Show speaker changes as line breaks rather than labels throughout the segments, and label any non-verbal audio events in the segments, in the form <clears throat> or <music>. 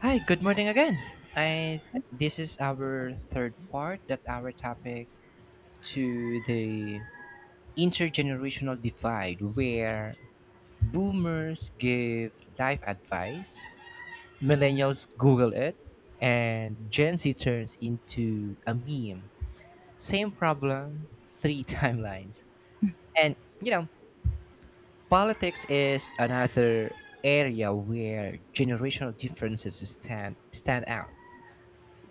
Hi, good morning again. This is our third part that our topic to the intergenerational divide where boomers give life advice, millennials google it, and Gen Z turns into a meme. Same problem, three <laughs> timelines. And you know, politics is another area where generational differences stand out.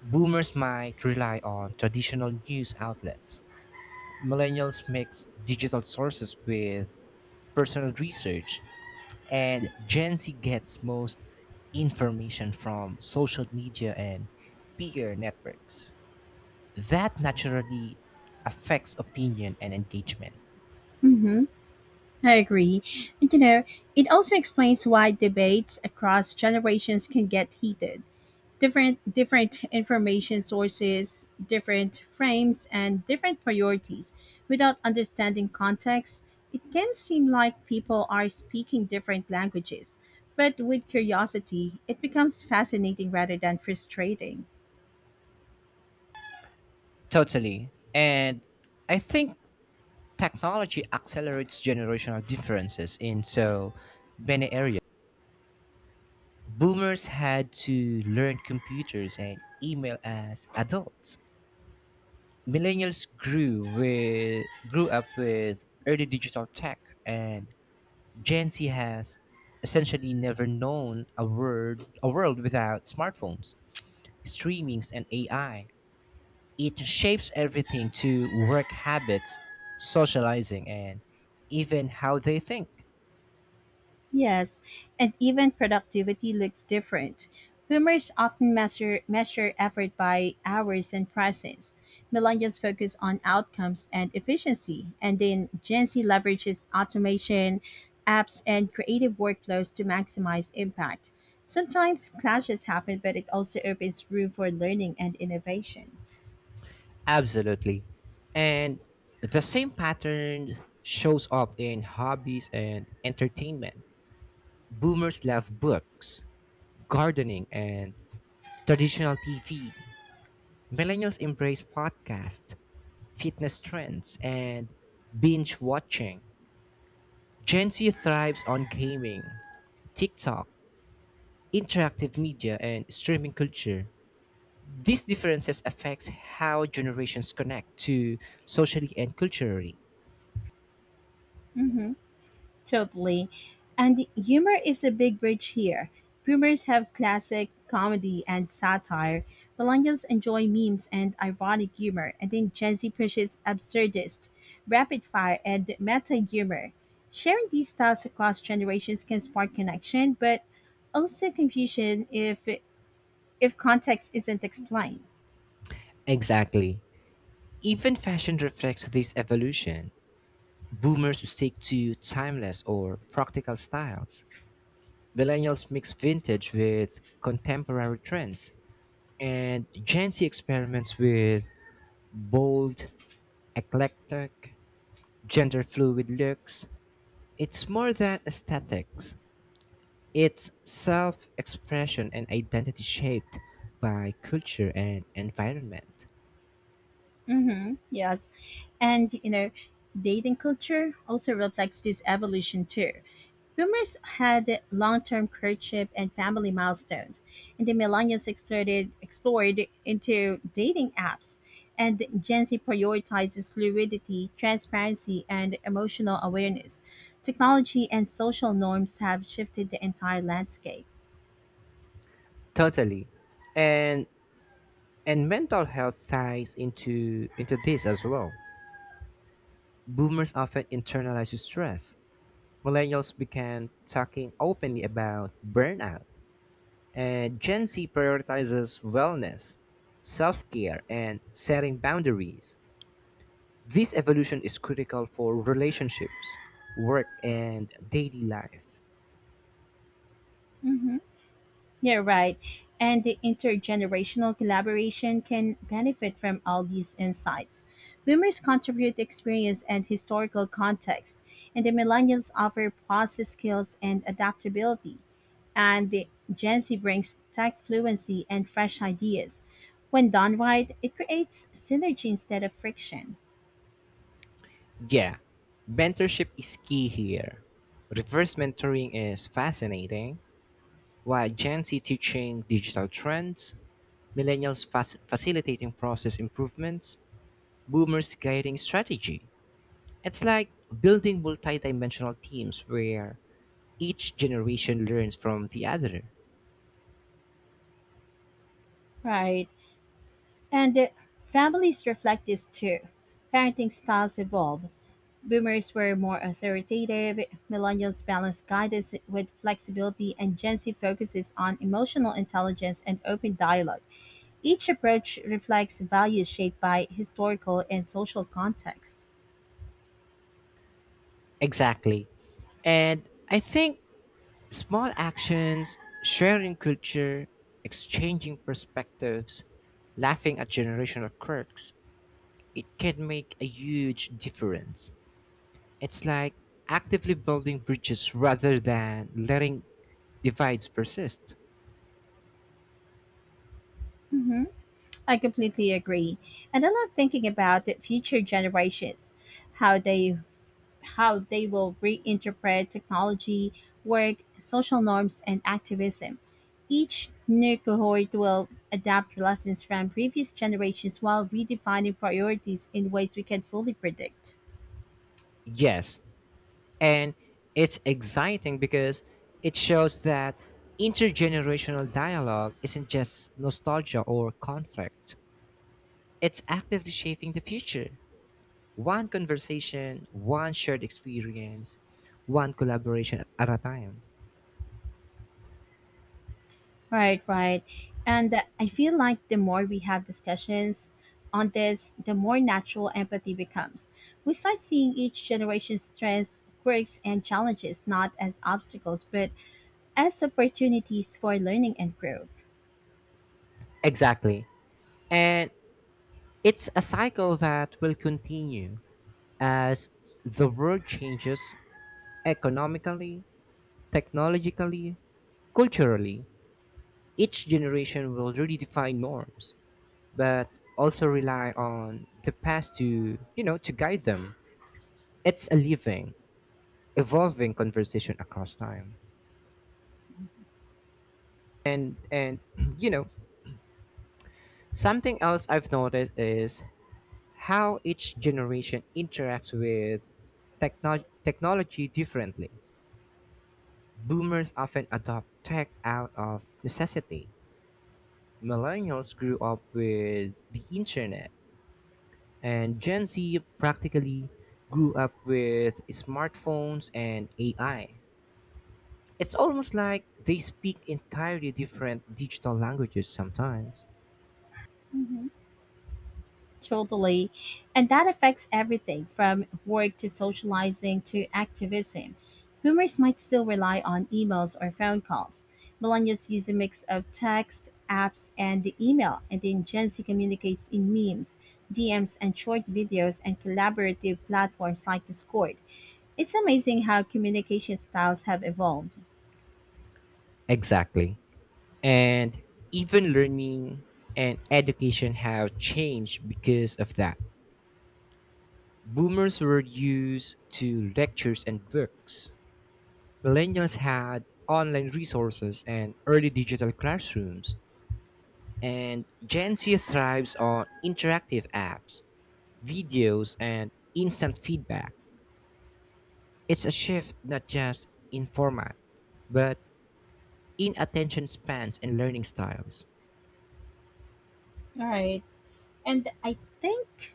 Boomers might rely on traditional news outlets. Millennials mix digital sources with personal research. And Gen Z gets most information from social media and peer networks. That naturally affects opinion and engagement.
hmm I agree. And you know, it also explains why debates across generations can get heated. Different information sources, different frames, and different priorities. Without understanding context, it can seem like people are speaking different languages. But with curiosity, it becomes fascinating rather than frustrating.
Totally. And I think technology accelerates generational differences in so many areas. Boomers had to learn computers and email as adults. Millennials grew up with early digital tech and Gen Z has essentially never known a world without smartphones, streamings and AI. It shapes everything to work habits, socializing and even how they think.
Yes, and even productivity looks different. Boomers often measure effort by hours and prices. Millennials focus on outcomes and efficiency, and then Gen Z leverages automation, apps, and creative workflows to maximize impact. Sometimes clashes happen, but it also opens room for learning and innovation.
Absolutely. And the same pattern shows up in hobbies and entertainment. Boomers love books, gardening, and traditional TV. Millennials embrace podcasts, fitness trends, and binge watching. Gen Z thrives on gaming, TikTok, interactive media, and streaming culture. These differences affects how generations connect to socially and culturally.
Mhm. Totally. And humor is a big bridge here. Boomers have classic comedy and satire. Millennials enjoy memes and ironic humor, and then Gen Z pushes absurdist, rapid fire, and meta humor. Sharing these styles across generations can spark connection, but also confusion if context isn't explained.
Exactly. Even fashion reflects this evolution. Boomers stick to timeless or practical styles. Millennials mix vintage with contemporary trends. And Gen Z experiments with bold, eclectic, gender fluid looks. It's more than aesthetics, it's self expression and identity shaped by culture and environment.
Mm-hmm. Yes. And, you know, dating culture also reflects this evolution too. Boomers had long-term courtship and family milestones, and the millennials explored into dating apps, and Gen Z prioritizes fluidity, transparency, and emotional awareness. Technology and social norms have shifted the entire landscape.
Totally. And And mental health ties into this as well. Boomers often internalize stress. Millennials began talking openly about burnout, and Gen Z prioritizes wellness, self-care, and setting boundaries. This evolution is critical for relationships, work, and daily life.
Mhm. Yeah, right. And the intergenerational collaboration can benefit from all these insights. Boomers contribute experience and historical context, and the millennials offer process skills and adaptability. And the Gen Z brings tech fluency and fresh ideas. When done right, it creates synergy instead of friction.
Yeah, mentorship is key here. Reverse mentoring is fascinating, while Gen Z teaching digital trends, millennials facilitating process improvements, boomers guiding strategy. It's like building multidimensional teams where each generation learns from the other.
Right. And the families reflect this too. Parenting styles evolve, Boomers were more authoritative, millennials balance guidance with flexibility, and Gen Z focuses on emotional intelligence and open dialogue. Each approach reflects values shaped by historical and social context.
Exactly. And I think small actions, sharing culture, exchanging perspectives, laughing at generational quirks, it can make a huge difference. It's like actively building bridges rather than letting divides persist.
hmm I completely agree. And I love thinking about the future generations, how they how they will reinterpret technology, work, social norms, and activism. Each new cohort will adapt lessons from previous generations while redefining priorities in ways we can fully predict.
Yes, and it's exciting because it shows that intergenerational dialogue isn't just nostalgia or conflict, it's actively shaping the future. One conversation, one shared experience, one collaboration at a time.
Right, right. And I feel like the more we have discussions on this, the more natural empathy becomes. We start seeing each generation's strengths, quirks, and challenges not as obstacles, but as opportunities for learning and growth.
Exactly. And it's a cycle that will continue as the world changes economically, technologically, culturally. Each generation will redefine norms but also rely on the past to guide them. It's a living, evolving conversation across time. And <clears throat> you know, something else I've noticed is how each generation interacts with technology differently. Boomers often adopt tech out of necessity. Millennials grew up with the internet, and Gen Z practically grew up with smartphones and AI. It's almost like they speak entirely different digital languages sometimes.
Totally. And that affects everything from work to socializing to activism. Boomers might still rely on emails or phone calls. Millennials use a mix of text, apps, and the email. And then Gen Z communicates in memes, DMs, and short videos and collaborative platforms like Discord. It's amazing how communication styles have evolved.
Exactly. And even learning and education have changed because of that. Boomers were used to lectures and books. Millennials had online resources and early digital classrooms. And Gen Z thrives on interactive apps, videos, and instant feedback. It's a shift not just in format, but in attention spans and learning styles.
All right. And I think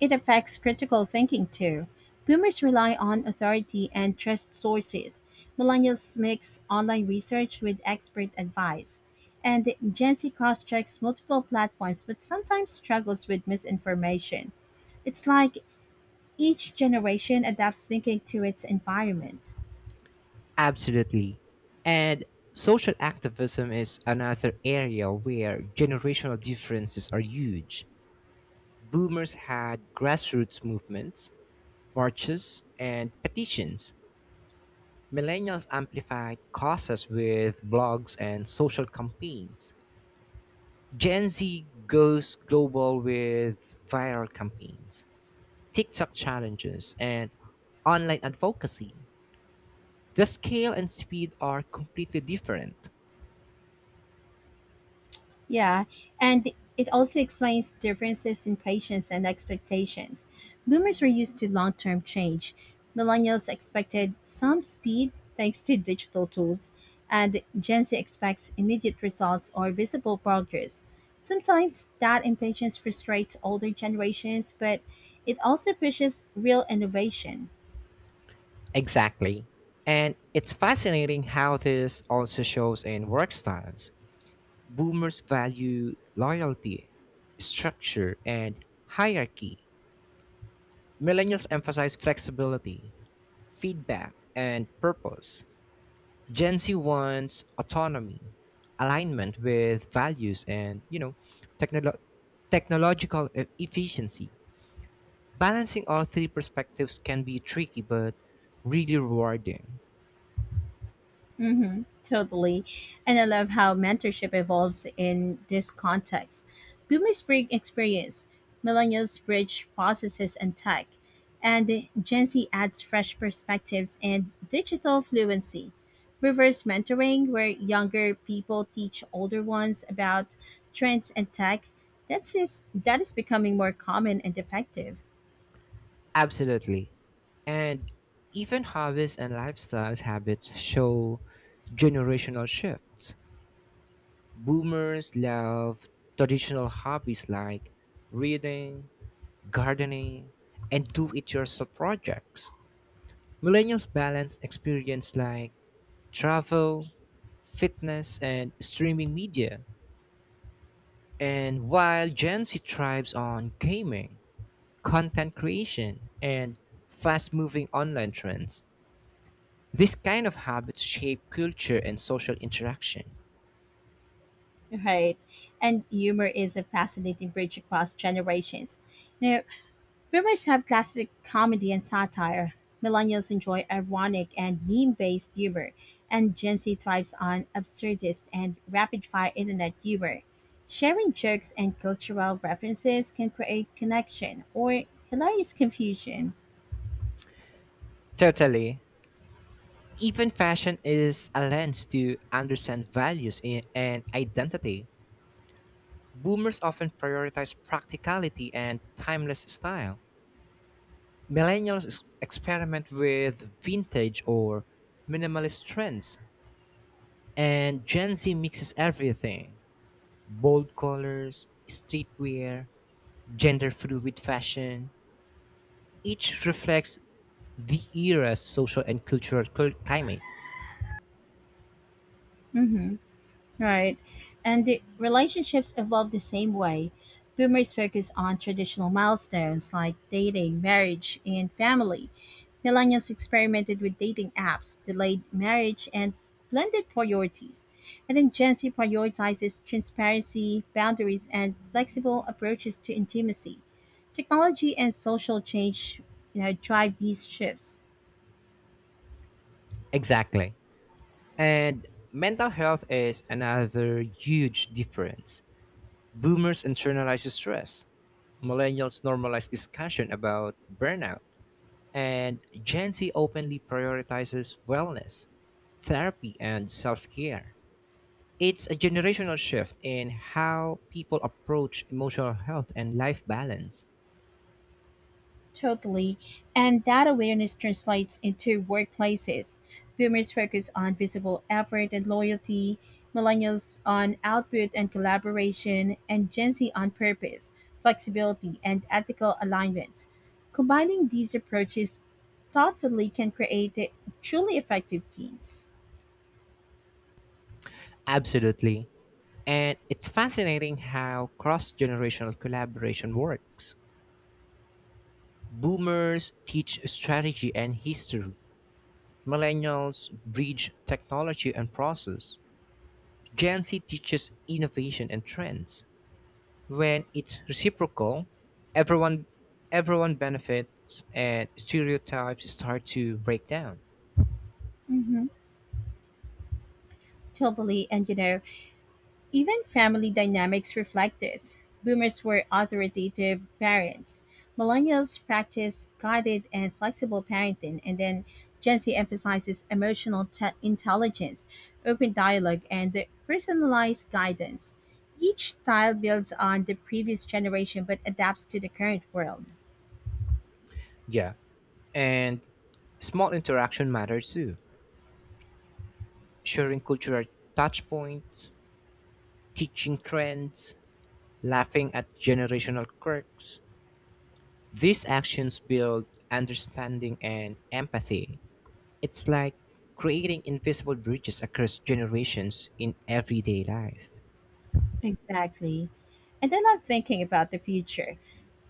it affects critical thinking too. Boomers rely on authority and trust sources. Millennials mix online research with expert advice. And Gen Z cross checks multiple platforms but sometimes struggles with misinformation. It's like each generation adapts thinking to its environment.
Absolutely. And social activism is another area where generational differences are huge. Boomers had grassroots movements, marches, and petitions. Millennials amplified causes with blogs and social campaigns. Gen Z goes global with viral campaigns, TikTok challenges, and online advocacy. The scale and speed are completely different.
Yeah, and it also explains differences in patience and expectations. Boomers were used to long term change. Millennials expected some speed thanks to digital tools, and Gen Z expects immediate results or visible progress. Sometimes that impatience frustrates older generations, but it also pushes real innovation.
Exactly. And it's fascinating how this also shows in work styles. Boomers value loyalty, structure, and hierarchy. Millennials emphasize flexibility, feedback, and purpose. Gen Z wants autonomy, alignment with values, and technolo- technological efficiency. Balancing all three perspectives can be tricky but really rewarding.
Mm-hmm, totally. And I love how mentorship evolves in this context. Boomers bring experience, millennials bridge processes and tech, and Gen Z adds fresh perspectives and digital fluency. Reverse mentoring, where younger people teach older ones about trends and tech, that is becoming more common and effective.
Absolutely. And even hobbies and lifestyles habits show generational shifts. Boomers love traditional hobbies like reading, gardening, and do it yourself projects. Millennials balance experience like travel, fitness, and streaming media. And while Gen Z thrives on gaming, content creation, and fast moving online trends. These kind of habits shape culture and social interaction.
Right. And humor is a fascinating bridge across generations. Now, Boomers have classic comedy and satire. Millennials enjoy ironic and meme based humor, and Gen Z thrives on absurdist and rapid fire internet humor. Sharing jokes and cultural references can create connection or hilarious confusion.
Totally. Even fashion is a lens to understand values and identity. Boomers often prioritize practicality and timeless style. Millennials experiment with vintage or minimalist trends. And Gen Z mixes everything bold colors, streetwear, gender fluid fashion, each reflects the era's social and cultural climate.
Mhm. Right. And the relationships evolve the same way. Boomers focus on traditional milestones like dating, marriage, and family. Millennials experimented with dating apps, delayed marriage, and blended priorities. And then Gen Z prioritizes transparency, boundaries, and flexible approaches to intimacy. Technology and social change, you know, drive these shifts.
Exactly. And mental health is another huge difference. Boomers internalize stress, millennials normalize discussion about burnout, and Gen Z openly prioritizes wellness, therapy, and self care. It's a generational shift in how people approach emotional health and life balance.
Totally. And that awareness translates into workplaces. Boomers focus on visible effort and loyalty, millennials on output and collaboration, and Gen Z on purpose, flexibility, and ethical alignment. Combining these approaches thoughtfully can create truly effective teams.
Absolutely. And it's fascinating how cross generational collaboration works. Boomers teach strategy and history, millennials bridge technology and process, Gen Z teaches innovation and trends. When it's reciprocal, everyone everyone benefits and stereotypes start to break down.
Mm-hmm. Totally. And you know, even family dynamics reflect this. Boomers were authoritative parents. Millennials practice guided and flexible parenting, and then Gen Z emphasizes emotional intelligence, open dialogue, and the personalized guidance. Each style builds on the previous generation but adapts to the current world.
Yeah. And small interaction matters too. Sharing cultural touch points, teaching trends, laughing at generational quirks, these actions build understanding and empathy. It's like creating invisible bridges across generations in everyday life.
Exactly. And then I'm thinking about the future.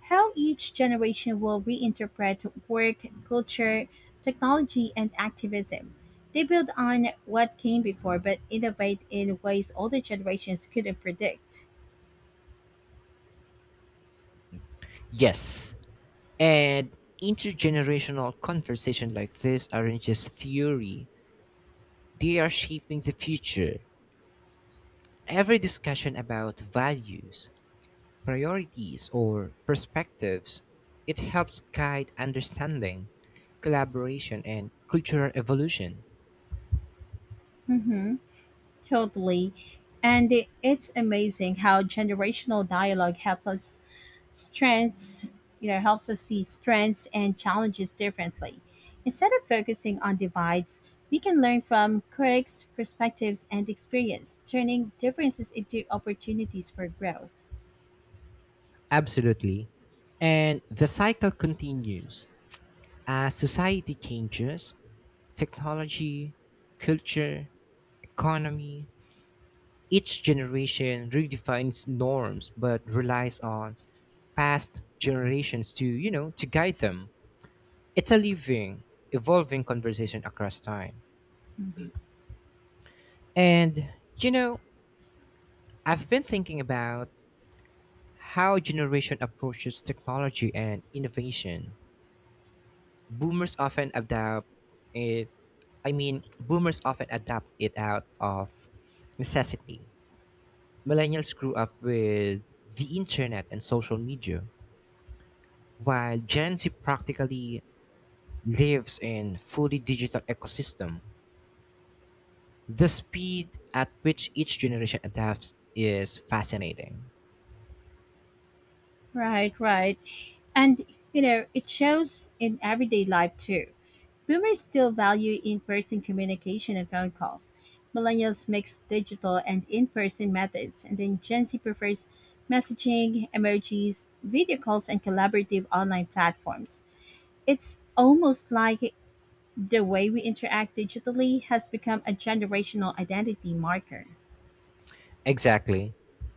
How each generation will reinterpret work, culture, technology, and activism. They build on what came before but innovate in ways older generations couldn't predict.
Yes, and intergenerational conversation like this aren't just theory, they are shaping the future. Every discussion about values, priorities or perspectives, it helps guide understanding, collaboration, and cultural evolution.
Mm-hmm. Totally. And it's amazing how generational dialogue helps us strengths you know helps us see strengths and challenges differently, instead of focusing on divides, we can learn from critics perspectives and experience, turning differences into opportunities for growth.
Absolutely. And the cycle continues as society changes, technology, culture, economy. Each generation redefines norms but relies on past generations to guide them. It's a living, evolving conversation across time.
hmm
And, you know, I've been thinking about how generation approaches technology and innovation. Boomers often adapt it I mean boomers often adapt it out of necessity. Millennials grew up with the internet and social media, while Gen Z practically lives in fully digital ecosystem. The speed at which each generation adapts is fascinating.
right, right. And you know, it shows in everyday life too. Boomers still value in-person communication and phone calls. Millennials mix digital and in-person methods, and then Gen Z prefers messaging, emojis, video calls, and collaborative online platforms. It's almost like the way we interact digitally has become a generational identity marker.
Exactly.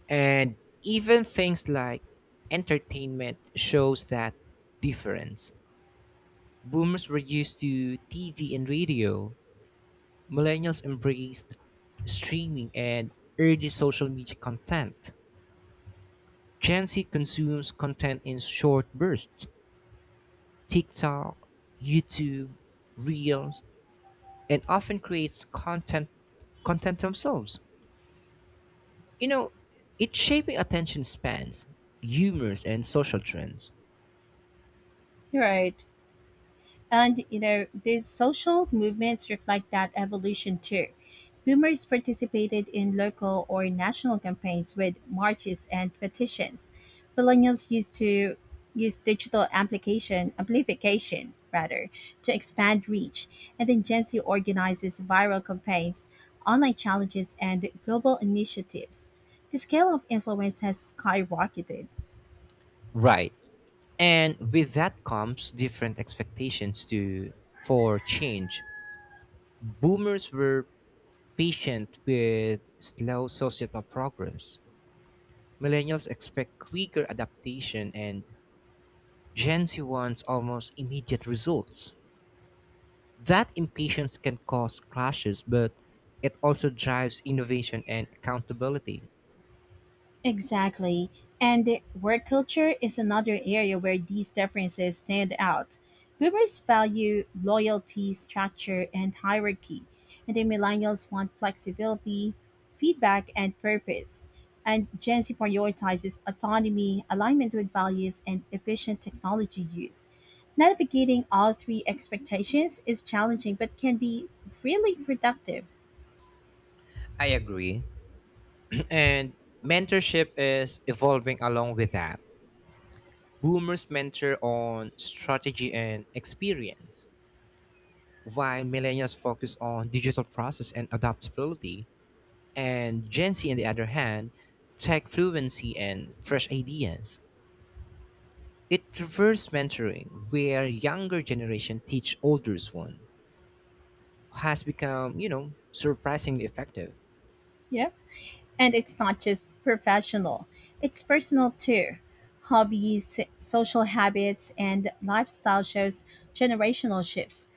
And even things like entertainment shows that difference. Boomers were used to TV and radio. Millennials embraced streaming and early social media content. Gen Z consumes content in short bursts TikTok, YouTube, Reels, and often creates content themselves. You know, it's shaping attention spans, humors, and social trends.
Right. And you know, these social movements reflect that evolution too. Boomers participated in local or national campaigns with marches and petitions. Millennials use digital application amplification rather to expand reach, and then Gen Z organizes viral campaigns, online challenges, and global initiatives. The scale of influence has skyrocketed.
Right. And with that comes different expectations to for change. Boomers were patient with slow societal progress. Millennials expect quicker adaptation and Gen Z wants almost immediate results. That impatience can cause clashes, but it also drives innovation and accountability.
Exactly. And the work culture is another area where these differences stand out. Boomers value loyalty, structure, and hierarchy, and the millennials want flexibility, feedback, and purpose. And Gen Z prioritizes autonomy, alignment with values, and efficient technology use. Navigating all three expectations is challenging but can be really productive.
I agree. And mentorship is evolving along with that. Boomers mentor on strategy and experience, while millennials focus on digital process and adaptability, and Gen Z, on the other hand, tech fluency and fresh ideas. It reverse mentoring, where younger generation teach older one, has become surprisingly effective.
Yeah. And it's not just professional, it's personal too. Hobbies, social habits, and lifestyle shows generational shifts.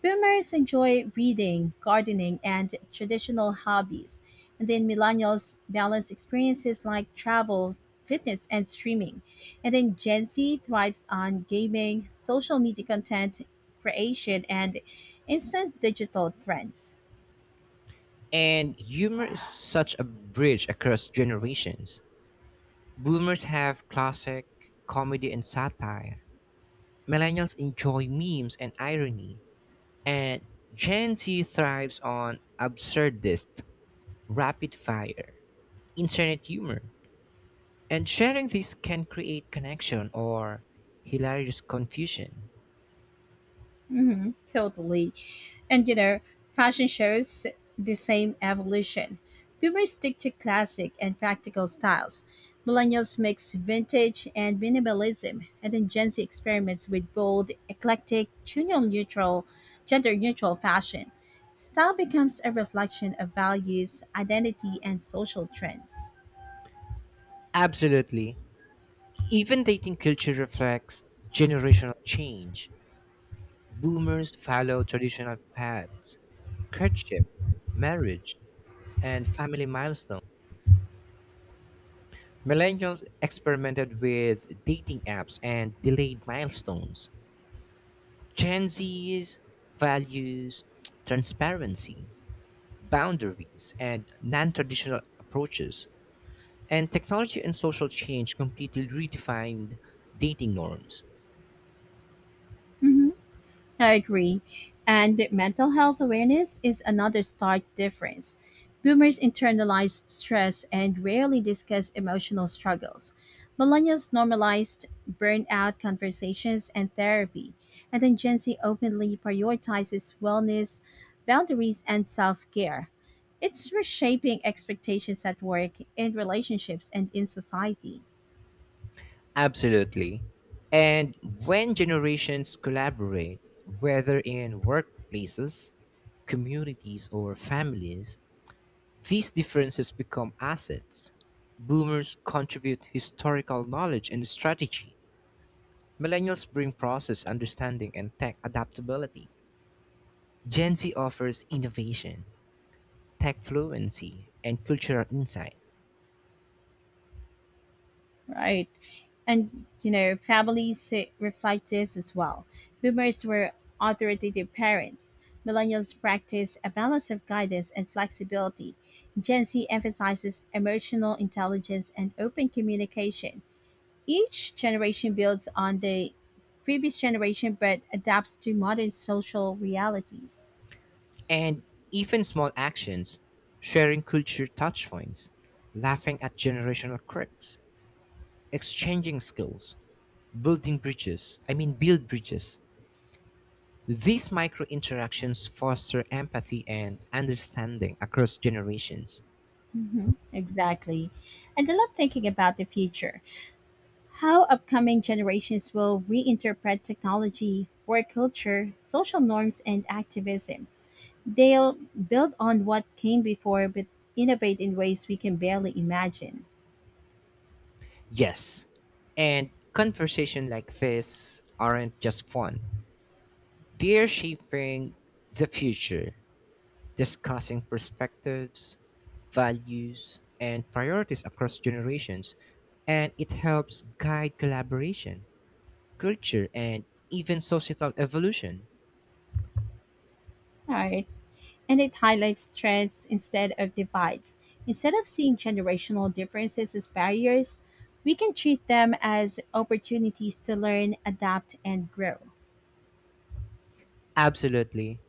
Boomers enjoy reading, gardening, and traditional hobbies. And then millennials balance experiences like travel, fitness, and streaming. And then Gen Z thrives on gaming, social media content creation, and instant digital trends.
And humor is such a bridge across generations. Boomers have classic comedy and satire, millennials enjoy memes and irony, and Gen Z thrives on absurdist, rapid fire, internet humor. And sharing this can create connection or hilarious confusion.
Totally. And you know, fashion shows the same evolution. Boomers stick to classic and practical styles. Millennials mix vintage and minimalism, and then Gen Z experiments with bold, eclectic, gender-neutral fashion. Style becomes a reflection of values, identity, and social trends.
Absolutely. Even dating culture reflects generational change. Boomers follow traditional paths, courtship, marriage, and family milestones. Millennials experimented with dating apps and delayed milestones. Gen Z's values transparency, boundaries, and non traditional approaches, and technology and social change completely redefined dating norms.
Mhm. I agree. And the mental health awareness is another stark difference. Boomers internalize stress and rarely discuss emotional struggles. Millennials normalized burnout conversations and therapy. And then Gen Z openly prioritizes wellness, boundaries, and self care. It's reshaping expectations at work, in relationships, and in society.
Absolutely. And when generations collaborate, whether in workplaces, communities, or families, these differences become assets. Boomers contribute historical knowledge and strategy. Millennials bring process understanding and tech adaptability. Gen Z offers innovation, tech fluency, and cultural insight.
Right. And, you know, families reflect this as well. Boomers were authoritative parents. Millennials practice a balance of guidance and flexibility. Gen Z emphasizes emotional intelligence and open communication. Each generation builds on the previous generation but adapts to modern social realities.
And even small actions, sharing culture touchpoints, laughing at generational quirks, exchanging skills, build bridges. These micro interactions foster empathy and understanding across generations.
Exactly. And I love thinking about the future. How upcoming generations will reinterpret technology, work culture, social norms, and activism. They'll build on what came before but innovate in ways we can barely imagine.
Yes, and conversation like this aren't just fun. They're shaping the future, discussing perspectives, values, and priorities across generations, and it helps guide collaboration, culture, and even societal evolution.
All right. And it highlights threads instead of divides. Instead of seeing generational differences as barriers, we can treat them as opportunities to learn, adapt, and grow.
Absolutely.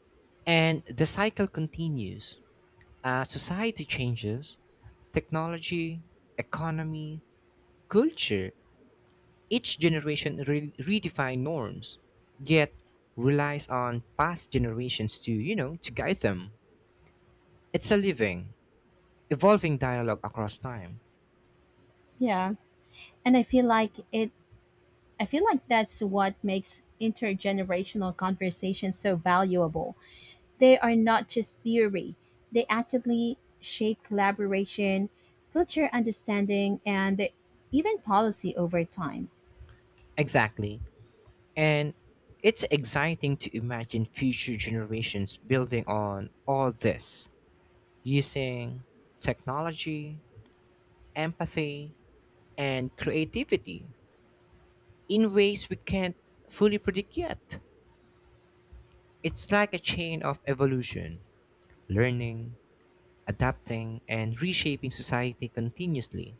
And the cycle continues. As society changes, technology, economy, culture, each generation redefine norms, yet relies on past generations to guide them. It's a living, evolving dialogue across time.
Yeah. And I feel like that's what makes intergenerational conversations so valuable. They are not just theory, they actively shape collaboration, future understanding, and even policy over time.
Exactly. And it's exciting to imagine future generations building on all this using technology, empathy, and creativity in ways we can't fully predict yet. It's like a chain of evolution, learning, adapting and reshaping society continuously.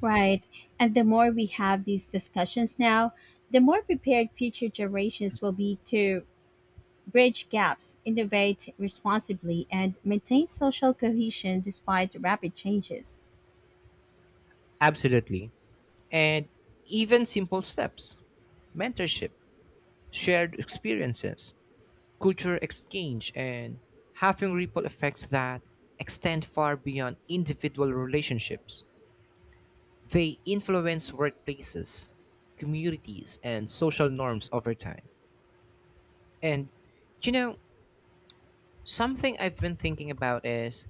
Right. And the more we have these discussions now, the more prepared future generations will be to bridge gaps, innovate responsibly, and maintain social cohesion despite rapid changes.
Absolutely. And even simple steps mentorship, shared experiences, cultural exchange, and having ripple effects that extend far beyond individual relationships. They influence workplaces, communities, and social norms over time. And you know, something I've been thinking about is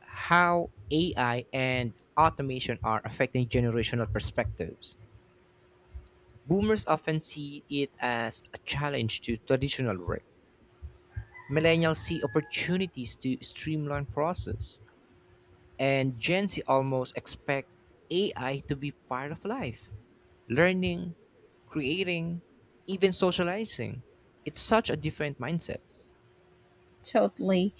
how AI and automation are affecting generational perspectives. Boomers often see it as a challenge to traditional work. Millennials see opportunities to streamline process, and Gen Z almost expect AI to be part of life, learning, creating, even socializing. It's such a different mindset.
Totally.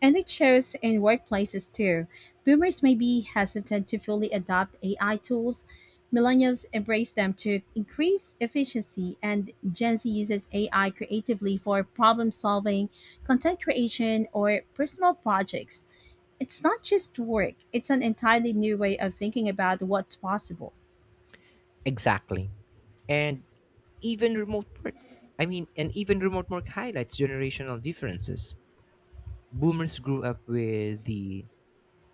And it shows in workplaces too. Boomers may be hesitant to fully adopt AI tools. Millennials embrace them to increase efficiency, and Gen Z uses AI creatively for problem solving, content creation, or personal projects. It's not just work, it's an entirely new way of thinking about what's possible.
Exactly. And even remote work. And even remote work highlights generational differences. Boomers grew up with the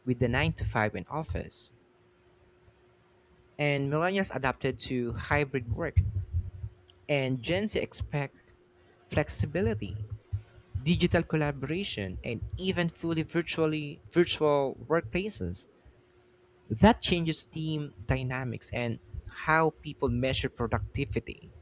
with the 9 to 5 in office, and millennials adapted to hybrid work, and Gen Z expect flexibility, digital collaboration, and even fully virtual workplaces. That changes team dynamics and how people measure productivity.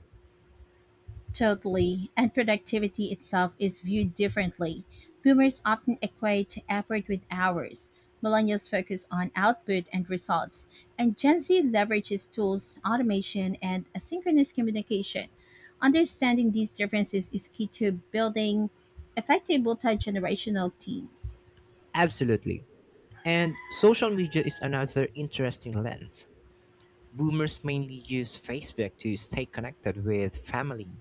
Totally, and productivity itself is viewed differently. Boomers often equate effort with hours. Millennials focus on output and results, and Gen Z leverages tools, automation, and asynchronous communication. Understanding these differences is key to building effective multi generational teams.
Absolutely. And social media is another interesting lens. Boomers mainly use Facebook to stay connected with family,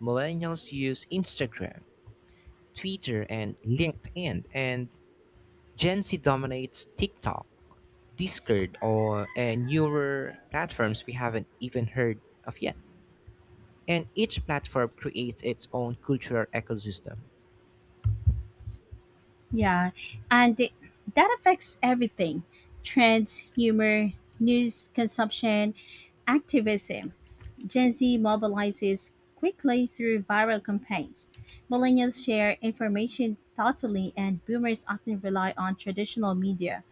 millennials use Instagram, Twitter, and LinkedIn, and Gen Z dominates TikTok, Discord, or and newer platforms we haven't even heard of yet. And each platform creates its own cultural ecosystem.
Yeah, and that affects everything, trends, humor, news consumption, activism. Gen Z mobilizes quickly through viral campaigns. Millennials share information thoughtfully, and boomers often rely on traditional media.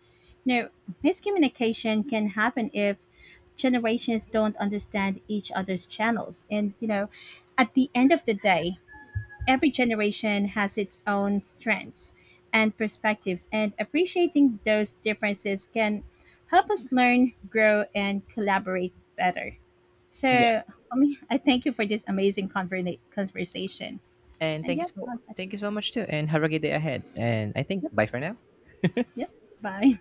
Now, miscommunication can happen if generations don't understand each other's channels. And, you know, at the end of the day, every generation has its own strengths and perspectives, and appreciating those differences can help us learn, grow, and collaborate better. So,
Yeah.
I mean, I thank you for this amazing conversation.
And
And
thank you
yeah,
so
I'll catch you
thank you so
later.
much too, and have a good day ahead. And I think bye for now.
Yep, bye.